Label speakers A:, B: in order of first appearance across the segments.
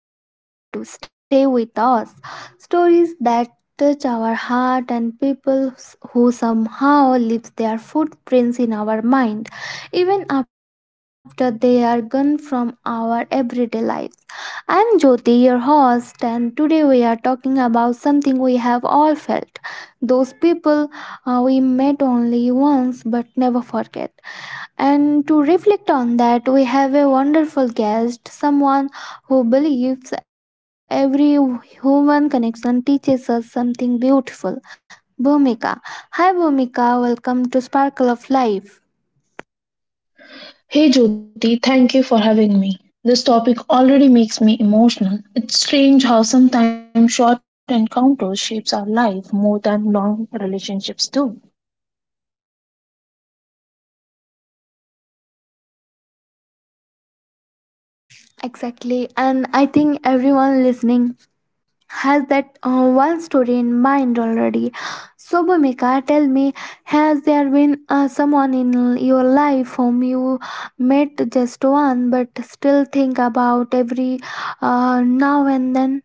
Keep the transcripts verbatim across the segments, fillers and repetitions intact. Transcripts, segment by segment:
A: the moments that to stay with us, stories that touch our heart and people who somehow leave their footprints in our mind even after they are gone from our everyday lives. I'm Jyoti, your host, and today we are talking about something we have all felt. Those people uh, we met only once but never forget and to reflect on that, we have a wonderful guest, someone who believes every human connection teaches us something beautiful. Bhumika. Hi, Bhumika. Welcome to Sparkle of Life.
B: Hey Jyoti, thank you for having me. This topic already makes me emotional. It's strange how sometimes short encounters shapes our life more than long relationships do.
A: Exactly. And I think everyone listening has that uh, one story in mind already. So, Bhumika, tell me, has there been uh, someone in your life whom you met just one but still think about every uh, now and then?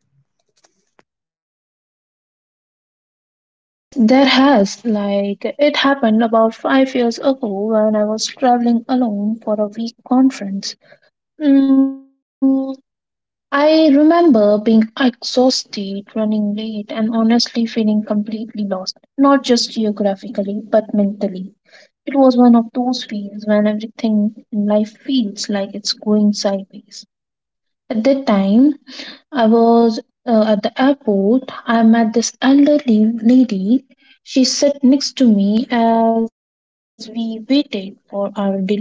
B: Yes, there has. Like it happened about five years ago when I was traveling alone for a week conference. Mm, I remember being exhausted, running late, and honestly feeling completely lost, not just geographically, but mentally. It was one of those feels when everything in life feels like it's going sideways. At that time, I was uh, at the airport. I met this elderly lady. She sat next to me as we waited for our delayed flight.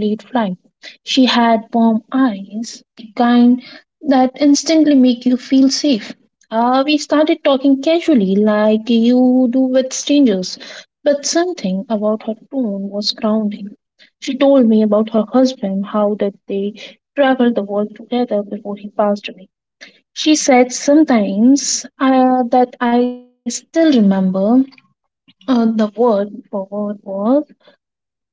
B: She had warm eyes, the kind that instantly make you feel safe. Uh, we started talking casually, like you do with strangers, but something about her tone was grounding. She told me about her husband, how that they travel the world together before he passed away. She said sometimes uh, that I still remember uh, the word for word was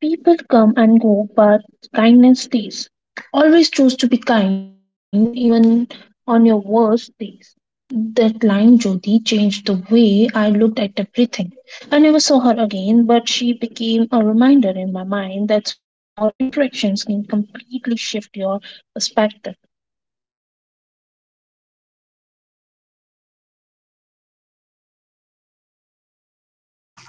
B: people come and go, but kindness stays. Always choose to be kind, even on your worst days. That line, Jyoti, changed the way I looked at everything. I never saw her again, but she became a reminder in my mind that small interactions can completely shift your perspective.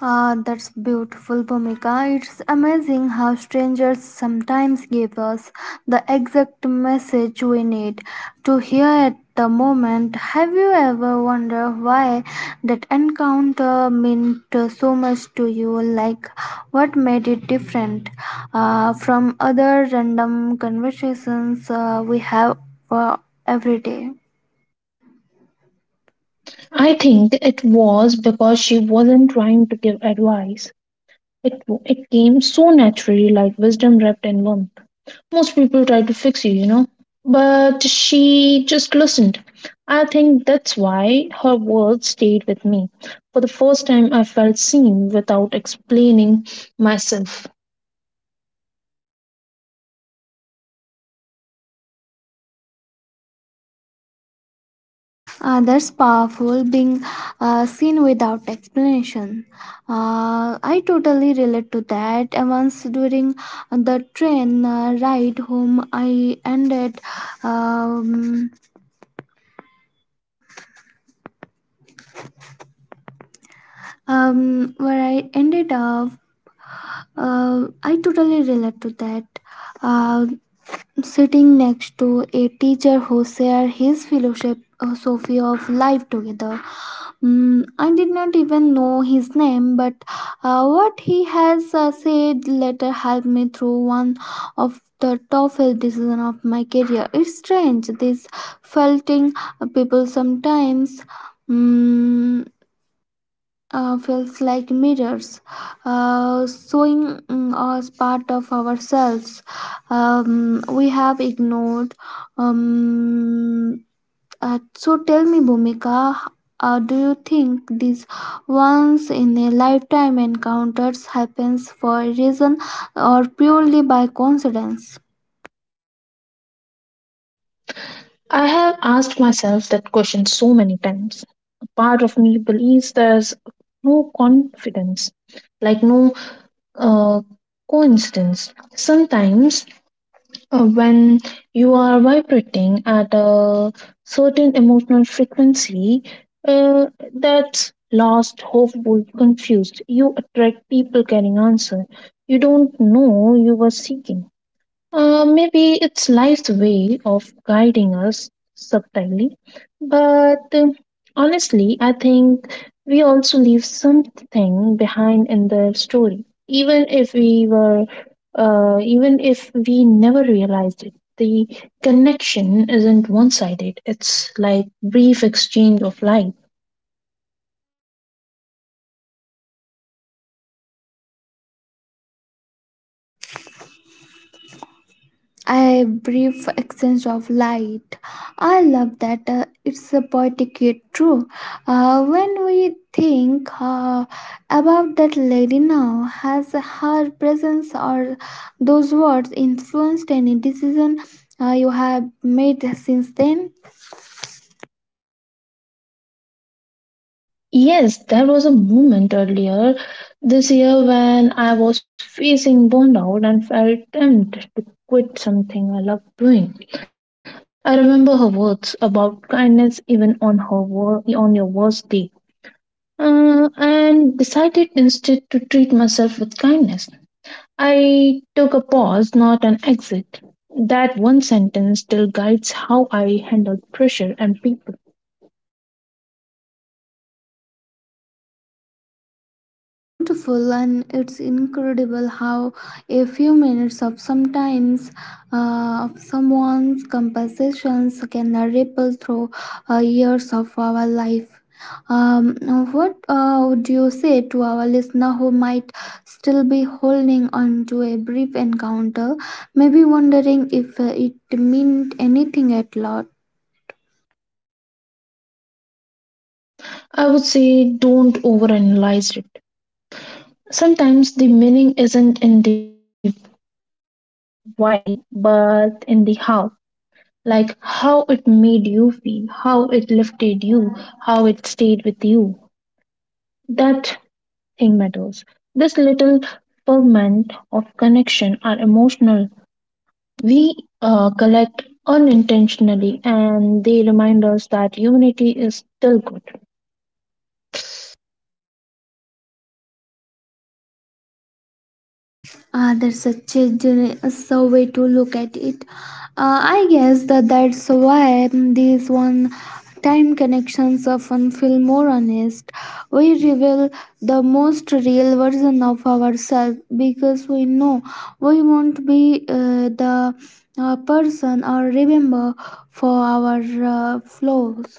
A: Ah, that's beautiful, Bhumika. It's amazing how strangers sometimes give us the exact message we need to hear at the moment. Have you ever wondered why that encounter meant so much to you? Like, what made it different uh, from other random conversations uh, we have uh, every day?
B: I think it was because she wasn't trying to give advice. It it came so naturally, like wisdom wrapped in warmth. Most people try to fix you, you know, but she just listened. I think that's why her words stayed with me. For the first time, I felt seen without explaining myself.
A: Uh, that's powerful, being uh, seen without explanation. Uh, I totally relate to that. Uh, Once during the train uh, ride home, I ended um, um, where I ended up. Uh, I totally relate to that. Uh, sitting next to a teacher who shared his philosophy of life together. Mm, I did not even know his name, but uh, what he has uh, said later helped me through one of the toughest decisions of my career. It's strange, these felting people sometimes mm, uh, feels like mirrors, uh, showing mm, us part of ourselves um, we have ignored. Um, uh, so tell me, Bhumika, h- uh, do you think these once in a lifetime encounters happens for a reason or purely by coincidence?
B: I have asked myself that question so many times. A part of me believes there's no confidence, like no uh, coincidence. Sometimes, uh, when you are vibrating at a certain emotional frequency, uh, that's lost, hopeful, confused. You attract people carrying answer you don't know you were seeking. Uh, maybe it's life's way of guiding us subtly, but um, honestly, I think we also leave something behind in the story, even if we were, uh, even if we never realized it. The connection isn't one-sided. It's like brief exchange of light.
A: A brief exchange of light. I love that. uh, it's a poetic yet true. Uh, when we think uh, about that lady now, has her presence or those words influenced any decision uh, you have made since then?
B: Yes, there was a moment earlier this year when I was facing burnout and felt tempted to quit something I loved doing. I remember her words about kindness even on her wor- on your worst day, uh, and decided instead to treat myself with kindness. I took a pause, not an exit. That one sentence still guides how I handle pressure and people.
A: Mm, that's beautiful, and it's incredible how a few minutes of sometimes uh, of someone's conversations can ripple through uh, years of our life. Um, what uh, would you say to our listener who might still be holding on to a brief encounter, maybe wondering if uh, it meant anything at all?
B: I would say don't overanalyze it. Sometimes the meaning isn't in the why, but in the how. Like how it made you feel, how it lifted you, how it stayed with you. That thing matters. This little ferment of connection are emotional. We uh, collect unintentionally, and they remind us that humanity is still good.
A: Ah, that's such a generous way to look at it. Uh, I guess that that's why these one-time connections often feel more honest. We reveal the most real version of ourselves because we know we won't be uh, the uh, person or remember for our uh, flaws.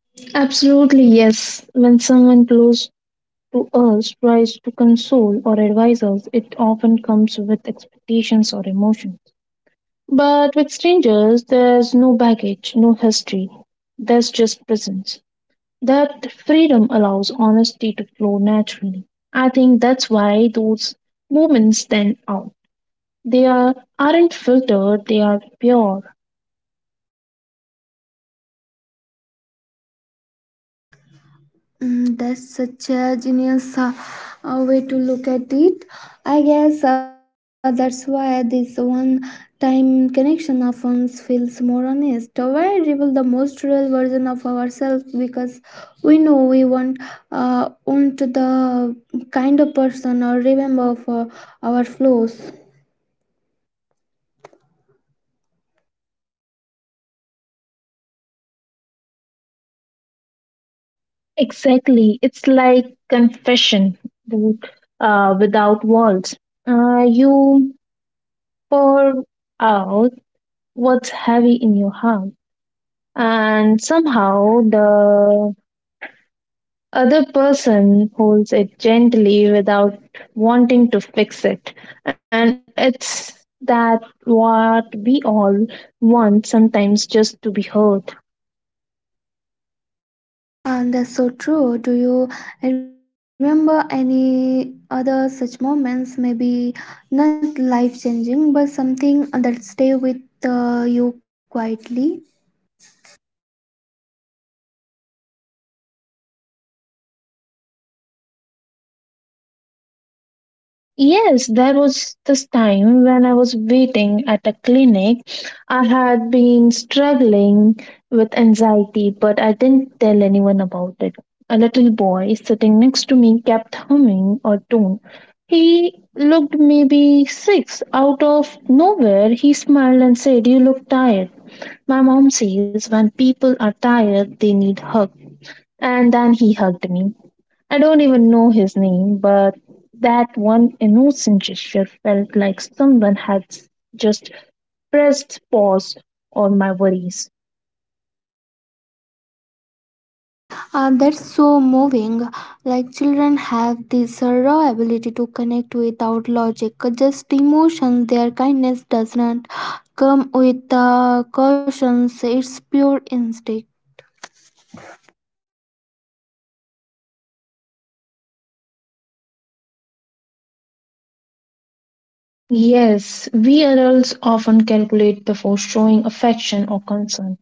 B: Absolutely, yes. When someone close to us tries to console or advise us, it often comes with expectations or emotions. But with strangers, there's no baggage, no history. There's just presence. That freedom allows honesty to flow naturally. I think that's why those moments stand out. They are, aren't filtered, they are pure.
A: Mm, that's such a genius uh, uh, way to look at it. I guess uh, that's why this one time connection often feels more honest. We reveal the most real version of ourselves because we know we want, uh, want the kind of person or remember for our flaws.
B: Exactly. It's like confession, but, uh, without walls. Uh, you pour out what's heavy in your heart. And somehow the other person holds it gently without wanting to fix it. And it's that what we all want sometimes, just to be heard.
A: And that's so true. Do you remember any other such moments? Maybe not life changing, but something that stay with uh, you quietly.
B: Yes, there was this time when I was waiting at a clinic. I had been struggling with anxiety, but I didn't tell anyone about it. A little boy sitting next to me kept humming a tune. He looked maybe six. Out of nowhere, he smiled and said, "You look tired. My mom says when people are tired, they need hug." And then he hugged me. I don't even know his name, but that one innocent gesture felt like someone had just pressed pause on my worries.
A: Uh, that's so moving. Like children have this uh, raw ability to connect without logic, uh, just emotions. Their kindness does not come with uh, cautions. It's pure instinct.
B: Yes, we adults often calculate before showing affection or concern,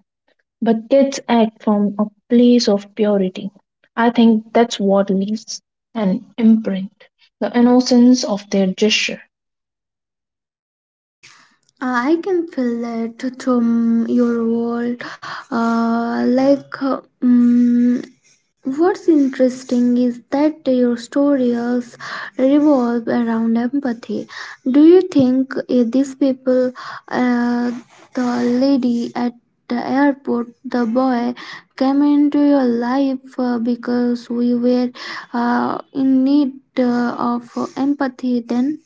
B: but kids act from a place of purity. I think that's what leaves an imprint, the innocence of their gesture.
A: Uh, I can feel it from your world. Uh, like, uh, mm, what's interesting is that your stories revolve around empathy. Do you think uh, these people, uh, the lady at the airport, the boy, came into your life uh, because we were uh, in need uh, of empathy then?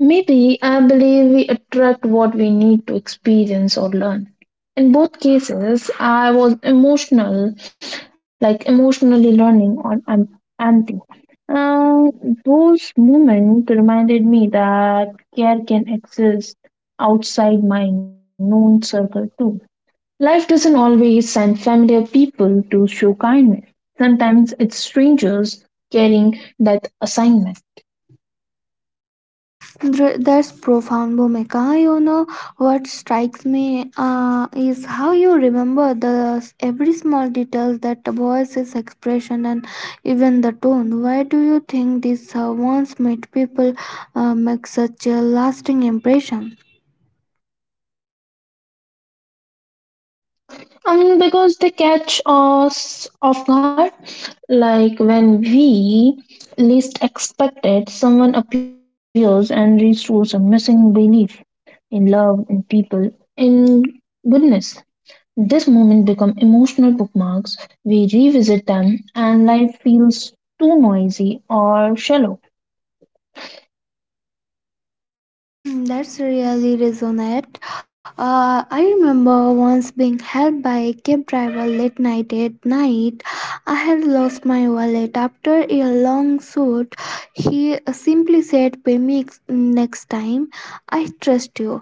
B: Maybe I believe we attract what we need to experience or learn. In both cases, I was emotional, like emotionally learning or am- empty. Um, those moments reminded me that care can exist outside my known circle too. Life doesn't always send familiar people to show kindness. Sometimes it's strangers carrying that assignment.
A: Dr- That's profound, Bhumika. You know what strikes me uh, is how you remember the every small details, that voice's expression, and even the tone. Why do you think these uh, once made people uh, make such a lasting impression?
B: Um, because they catch us off guard. Like when we least expect it, someone appears and restores a missing belief in love, in people, in goodness. This moment become emotional bookmarks. We revisit them and life feels too noisy or shallow.
A: Hmm, that's really resonate. Uh, I remember once being helped by a cab driver late night at night. I had lost my wallet after a long shoot. He simply said, "Pay me ex- next time. I trust you."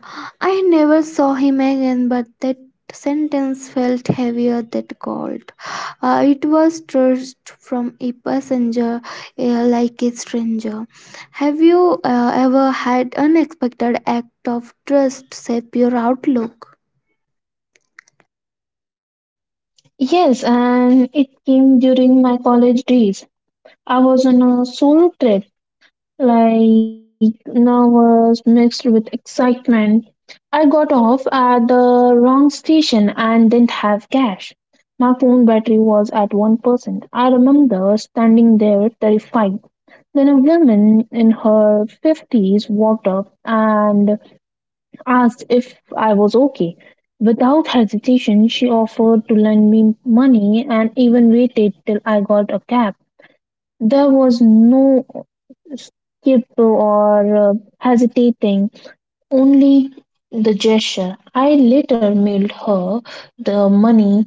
A: I never saw him again, but that sentence felt heavier than gold. Uh, it was trust from a passenger, uh, like a stranger. Have you uh, ever had unexpected act of trust shape your outlook?
B: Yes, and it came during my college days. I was on a solo trip, like nervous mixed with excitement. I got off at the wrong station and didn't have cash. My phone battery was at one percent. I remember standing there terrified. Then a woman in her fifties walked up and asked if I was okay. Without hesitation, she offered to lend me money and even waited till I got a cab. There was no skip or uh, hesitating, only the gesture. I later mailed her the money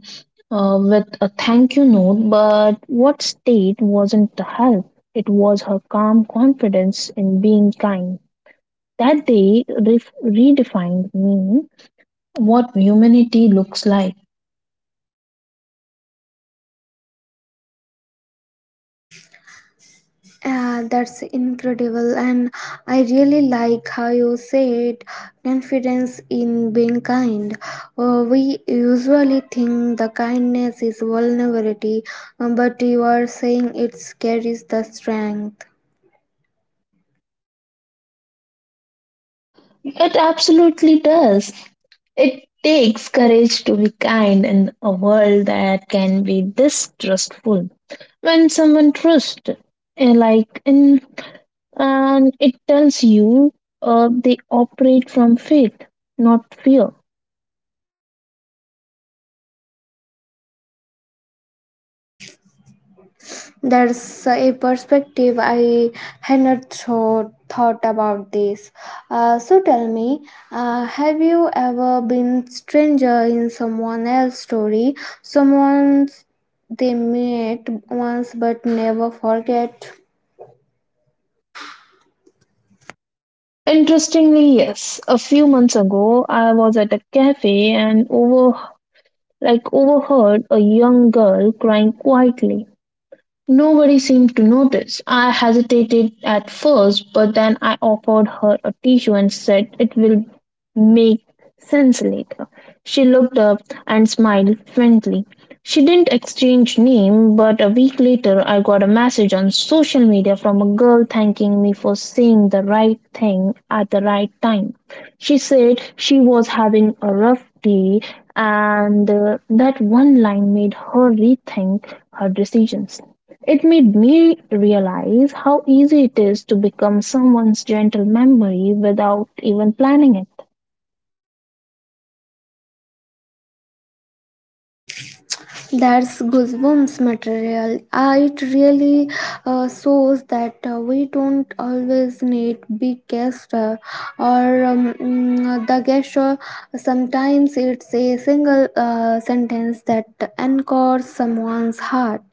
B: uh, with a thank you note, but what stayed wasn't the help. It was her calm confidence in being kind. That day ref- redefined me what humanity looks like.
A: Ah, that's incredible, and I really like how you said confidence in being kind. Uh, we usually think the kindness is vulnerability, uh, but you are saying it carries the strength.
B: It absolutely does. It takes courage to be kind in a world that can be distrustful. When someone trusts, eh, like in, and it tells you uh, they operate from faith, not fear.
A: That's a perspective I had not thought, thought about this. Uh, so tell me, uh, have you ever been stranger in someone else's story? Someone they met once but never forget?
B: Interestingly, yes, a few months ago I was at a cafe and over like overheard a young girl crying quietly. Nobody seemed to notice. I hesitated at first, but then I offered her a tissue and said, "It will make sense later." She looked up and smiled faintly. She didn't exchange name, but a week later I got a message on social media from a girl thanking me for saying the right thing at the right time. She said she was having a rough day, and uh, that one line made her rethink her decisions. It made me realize how easy it is to become someone's gentle memory without even planning it.
A: That's goosebumps material. Uh, it really uh, shows that uh, we don't always need big gesture or um, mm, the gesture. Sometimes it's a single uh, sentence that anchors someone's heart.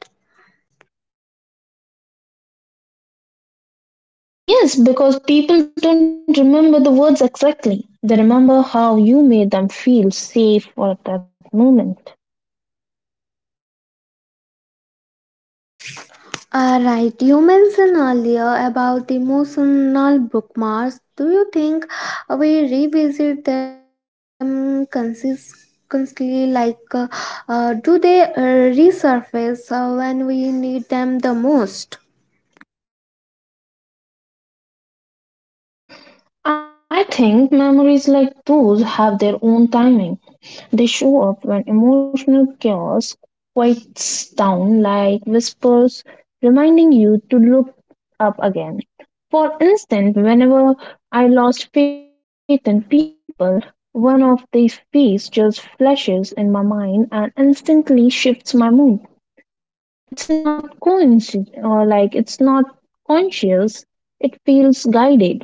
B: Yes, because people don't remember the words exactly. They remember how you made them feel safe at that moment.
A: Uh, right, you mentioned earlier about emotional bookmarks. Do you think uh, we revisit them consistently? Like, uh, uh, do they uh, resurface uh, when we need them the most?
B: I think memories like those have their own timing. They show up when emotional chaos quiets down, like whispers reminding you to look up again. For instance, whenever I lost faith in people, one of these fees just flashes in my mind and instantly shifts my mood. It's not coincident, or like it's not conscious. It feels guided.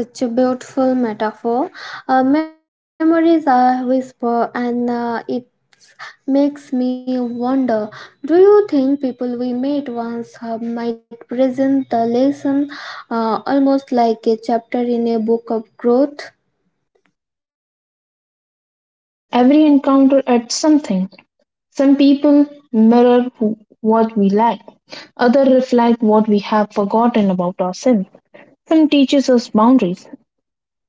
A: Ah, that's such a beautiful metaphor. Uh, memories are whisper, and uh, it makes me wonder. Do you think people we met once uh, might present the lesson uh, almost like a chapter in a book of growth?
B: Yes, every encounter adds something. Some people mirror who, what we lack, others reflect what we have forgotten about ourselves. Some teaches us boundaries,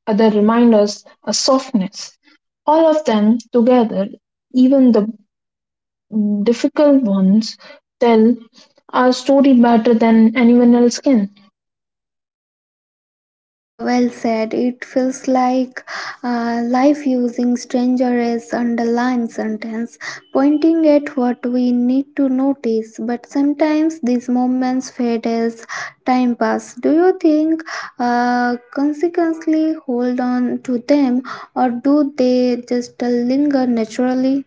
B: others remind us a softness. All of them together, even the difficult ones, tell our story better than anyone else can.
A: Uh, well said. It feels like uh, life using stranger as underlying sentence, pointing at what we need to notice. But sometimes these moments fade as time passes. Do you think uh, consequently hold on to them, or do they just linger naturally?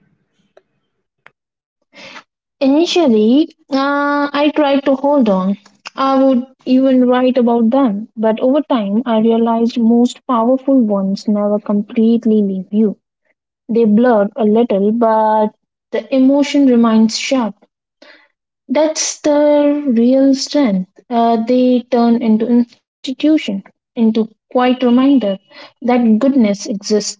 B: Initially, uh, I tried to hold on. I would even write about them, but over time, I realized most powerful ones never completely leave you. They blur a little, but the emotion remains sharp. That's the real strength. Uh, they turn into institution, into quiet reminder that goodness exists.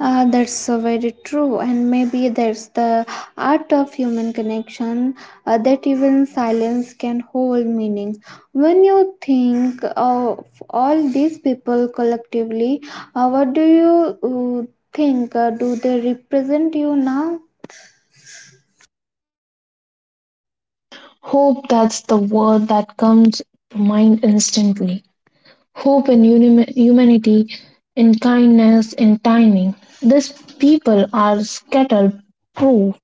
A: Uh, that's uh, very true, and maybe that's the art of human connection uh, that even silence can hold meaning. When you think of all these people collectively, uh, what do you uh, think? Uh, do they represent you now?
B: Hope, that's the word that comes to mind instantly. Hope in uni- humanity, in kindness, in timing. These people are scattered proof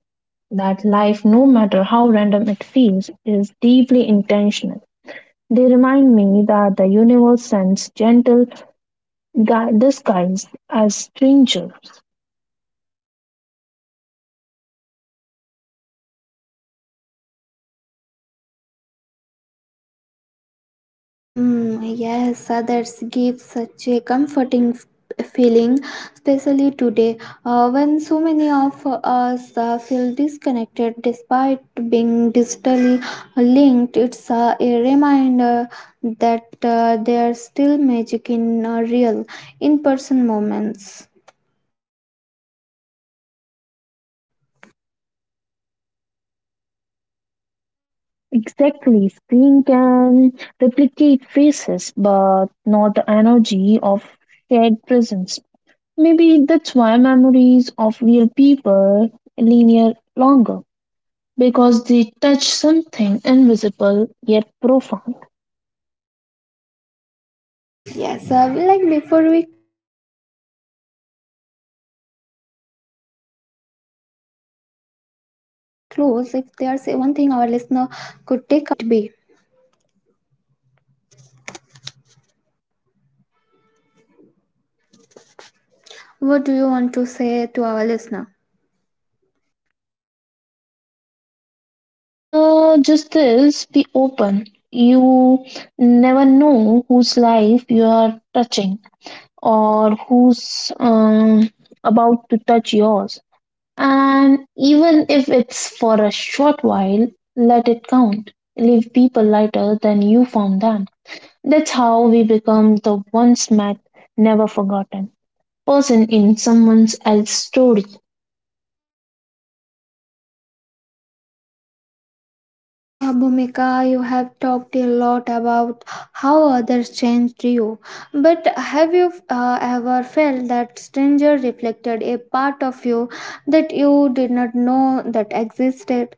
B: that life, no matter how random it feels, is deeply intentional. They remind me that the universe sends gentle gui- disguise as strangers.
A: Mm, yes, others give such a comforting f- feeling, especially today uh, when so many of us uh, feel disconnected despite being digitally linked. It's uh, a reminder that uh, there's still magic in uh, real, in person moments.
B: Exactly, screen can replicate faces, but not the energy of shared presence. Maybe that's why memories of real people linger longer, because they touch something invisible yet profound.
A: Yes, uh, like before we close, if there's a one thing our listener could take away from these conversations, what would you want it be?
B: Uh, just this be open.
A: What
B: You
A: do you want
B: never
A: to say
B: know.
A: to our listener?
B: Yeah, exactly. Uh, just this be open. You never know whose life you are touching or who's um, about to touch yours. And even if it's for a short while, let it count. Leave people lighter than you found them. That's how we become the once met, never forgotten person in someone else's story.
A: Uh, Bhumika, you have talked a lot about how others changed you, but have you uh, ever felt that stranger reflected a part of you that you did not know that existed?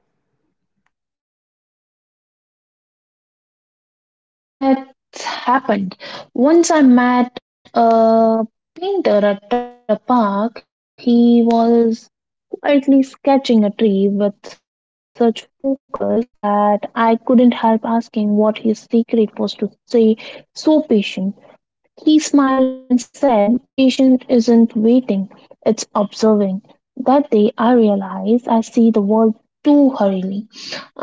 B: Yes, that happened. Once I met a painter at a park. He was quietly sketching a tree with such focus that I couldn't help asking what his secret was to stay so patient. He smiled and said, "Patient isn't waiting, it's observing." That day I realized I see the world too hurriedly.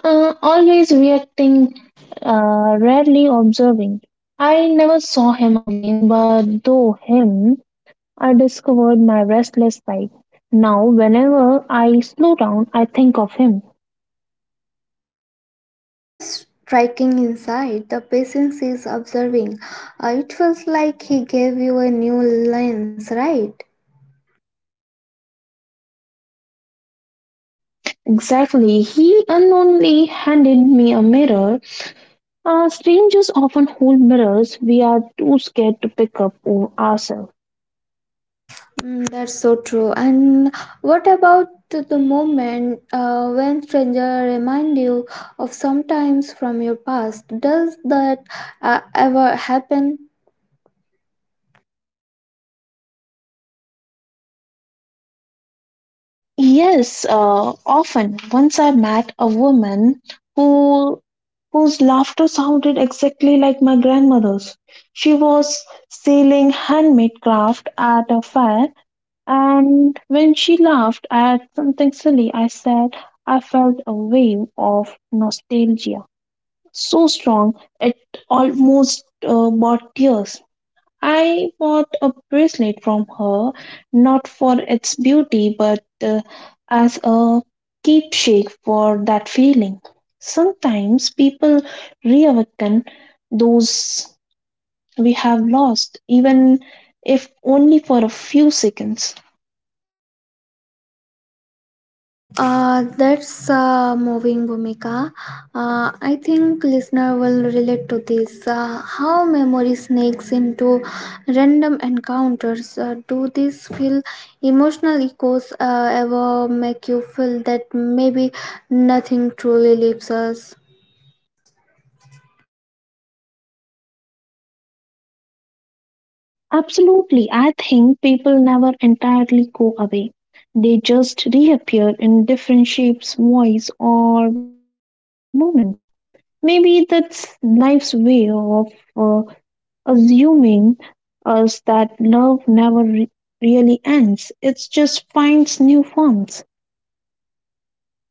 B: Uh, always reacting, uh, rarely observing. I never saw him again, but through him, I discovered my restless side. Now, whenever I slow down, I think of him.
A: Uh, there's such a striking insight. The patience is observing. Uh, it feels like he gave you a new lens, right?
B: Exactly, he unknowingly handed me a mirror. Uh, strangers often hold mirrors we are too scared to pick up on ourselves.
A: Mm, that's so true. And what about the the moment uh, when stranger remind you of sometimes from your past? Does that uh, ever happen?
B: Yes, uh, often. Once I met a woman who whose laughter sounded exactly like my grandmother's. She was selling handmade craft at a fair, and when she laughed at something silly I said, I felt a wave of nostalgia so strong it almost uh, brought tears. I bought a bracelet from her, not for its beauty, but uh, as a keepsake for that feeling. Sometimes people reawaken those we have lost, even if only for a few seconds.
A: Uh, that's uh, moving, Bhumika. Uh, I think listener will relate to this. Uh, how memory snakes into random encounters. Uh, do these feel emotional echoes uh, ever make you feel that maybe nothing truly leaves us?
B: Absolutely. I think people never entirely go away. They just reappear in different shapes, voice, or moments. Maybe that's life's way of uh, assuming us that love never re- really ends. It just finds new forms.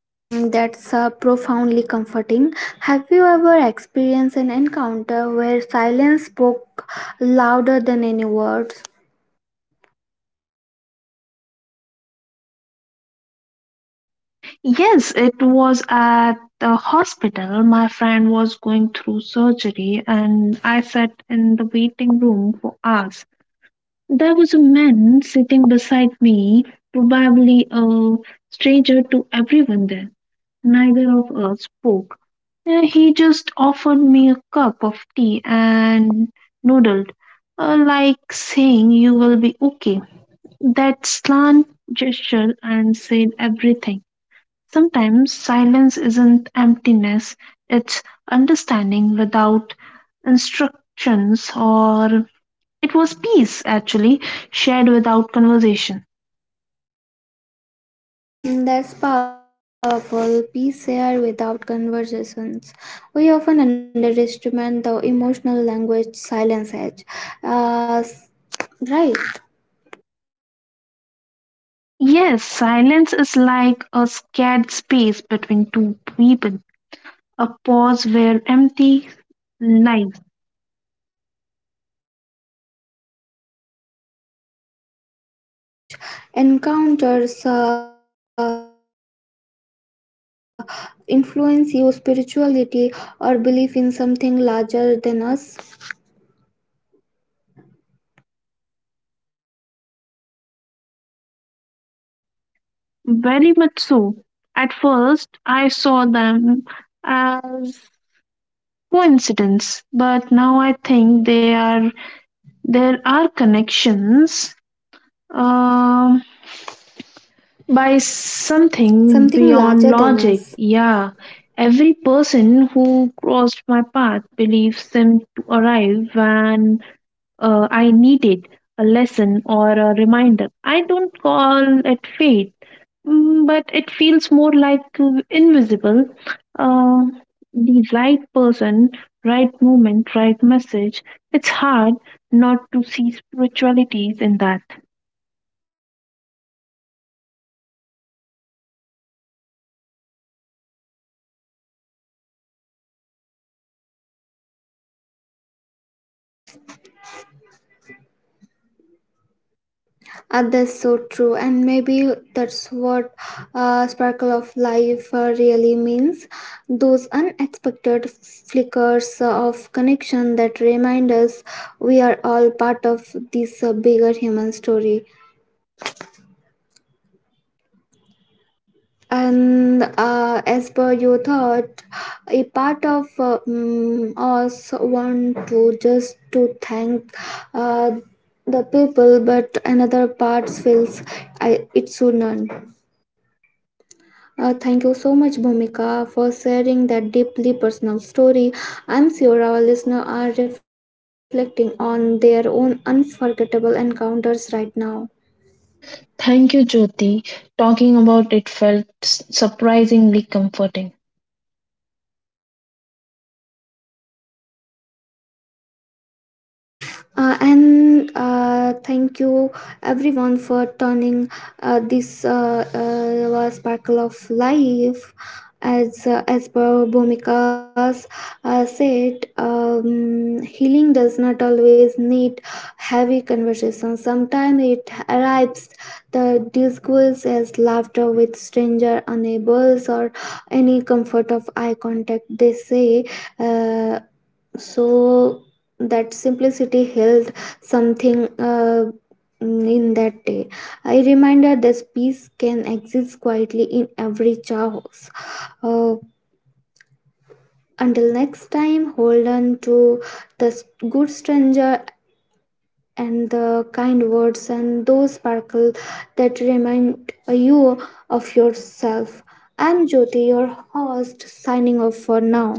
A: Mm, that's uh, profoundly comforting. Have you ever experienced an encounter where silence spoke louder than any words?
B: Yes, it was at the hospital. My friend was going through surgery, and I sat in the waiting room for hours. There was a man sitting beside me, probably a stranger to everyone there. Neither of us spoke. Uh, He just offered me a cup of tea and noodled, uh, like saying, "You will be okay." That slant gesture and said everything. Sometimes silence isn't emptiness, it's understanding without instructions, or it was peace, actually, shared without conversation.
A: Mm, that's powerful. Peace here without conversations. We often underestimate the emotional language silence has. Uh, s- right.
B: Yes, silence is like a scared space between two people, a pause where empty lies.
A: Uh, so, have you noticed if such encounters uh, influence your spirituality or belief in something larger than us?
B: Very much so. At first, I saw them as coincidence, but now I think they are, there are connections. Um, By something
A: Something
B: beyond
A: larger than
B: logic,
A: us.
B: yeah. Every person who crossed my path believes them to arrive when uh, I needed a lesson or a reminder. I don't call it fate, mm, but it feels more like uh, invisible. Uh, the right person, right moment, right message. It's hard not to see spiritualities in that.
A: Uh, that's so true and maybe that's what uh, sparkle of life uh, really means those unexpected flickers of connection that remind us we are all part of this uh, bigger human story. And uh, as per your thought, a part of uh, mm, us want to just to thank uh, the people, but another part feels I, it shouldn't. Uh, thank you so much, Bhumika, for sharing that deeply personal story. I'm sure our listeners are reflecting on their own unforgettable encounters right now.
B: Thank you, Jyoti. Talking about it felt surprisingly comforting.
A: Uh, and uh, thank you everyone for turning uh, this uh, uh, was sparkle of life as uh, as per Bhumika's uh, said um, healing does not always need heavy conversation, sometimes it arrives the disguise as laughter with stranger enables or any comfort of eye contact they say. Uh, so that simplicity held something uh, in that day I reminded that peace can exist quietly in every chaos. Uh, until next time, hold on to the s- good stranger and the kind words and those sparkle that remind you of yourself. I'm Jyoti, your host, signing off for now.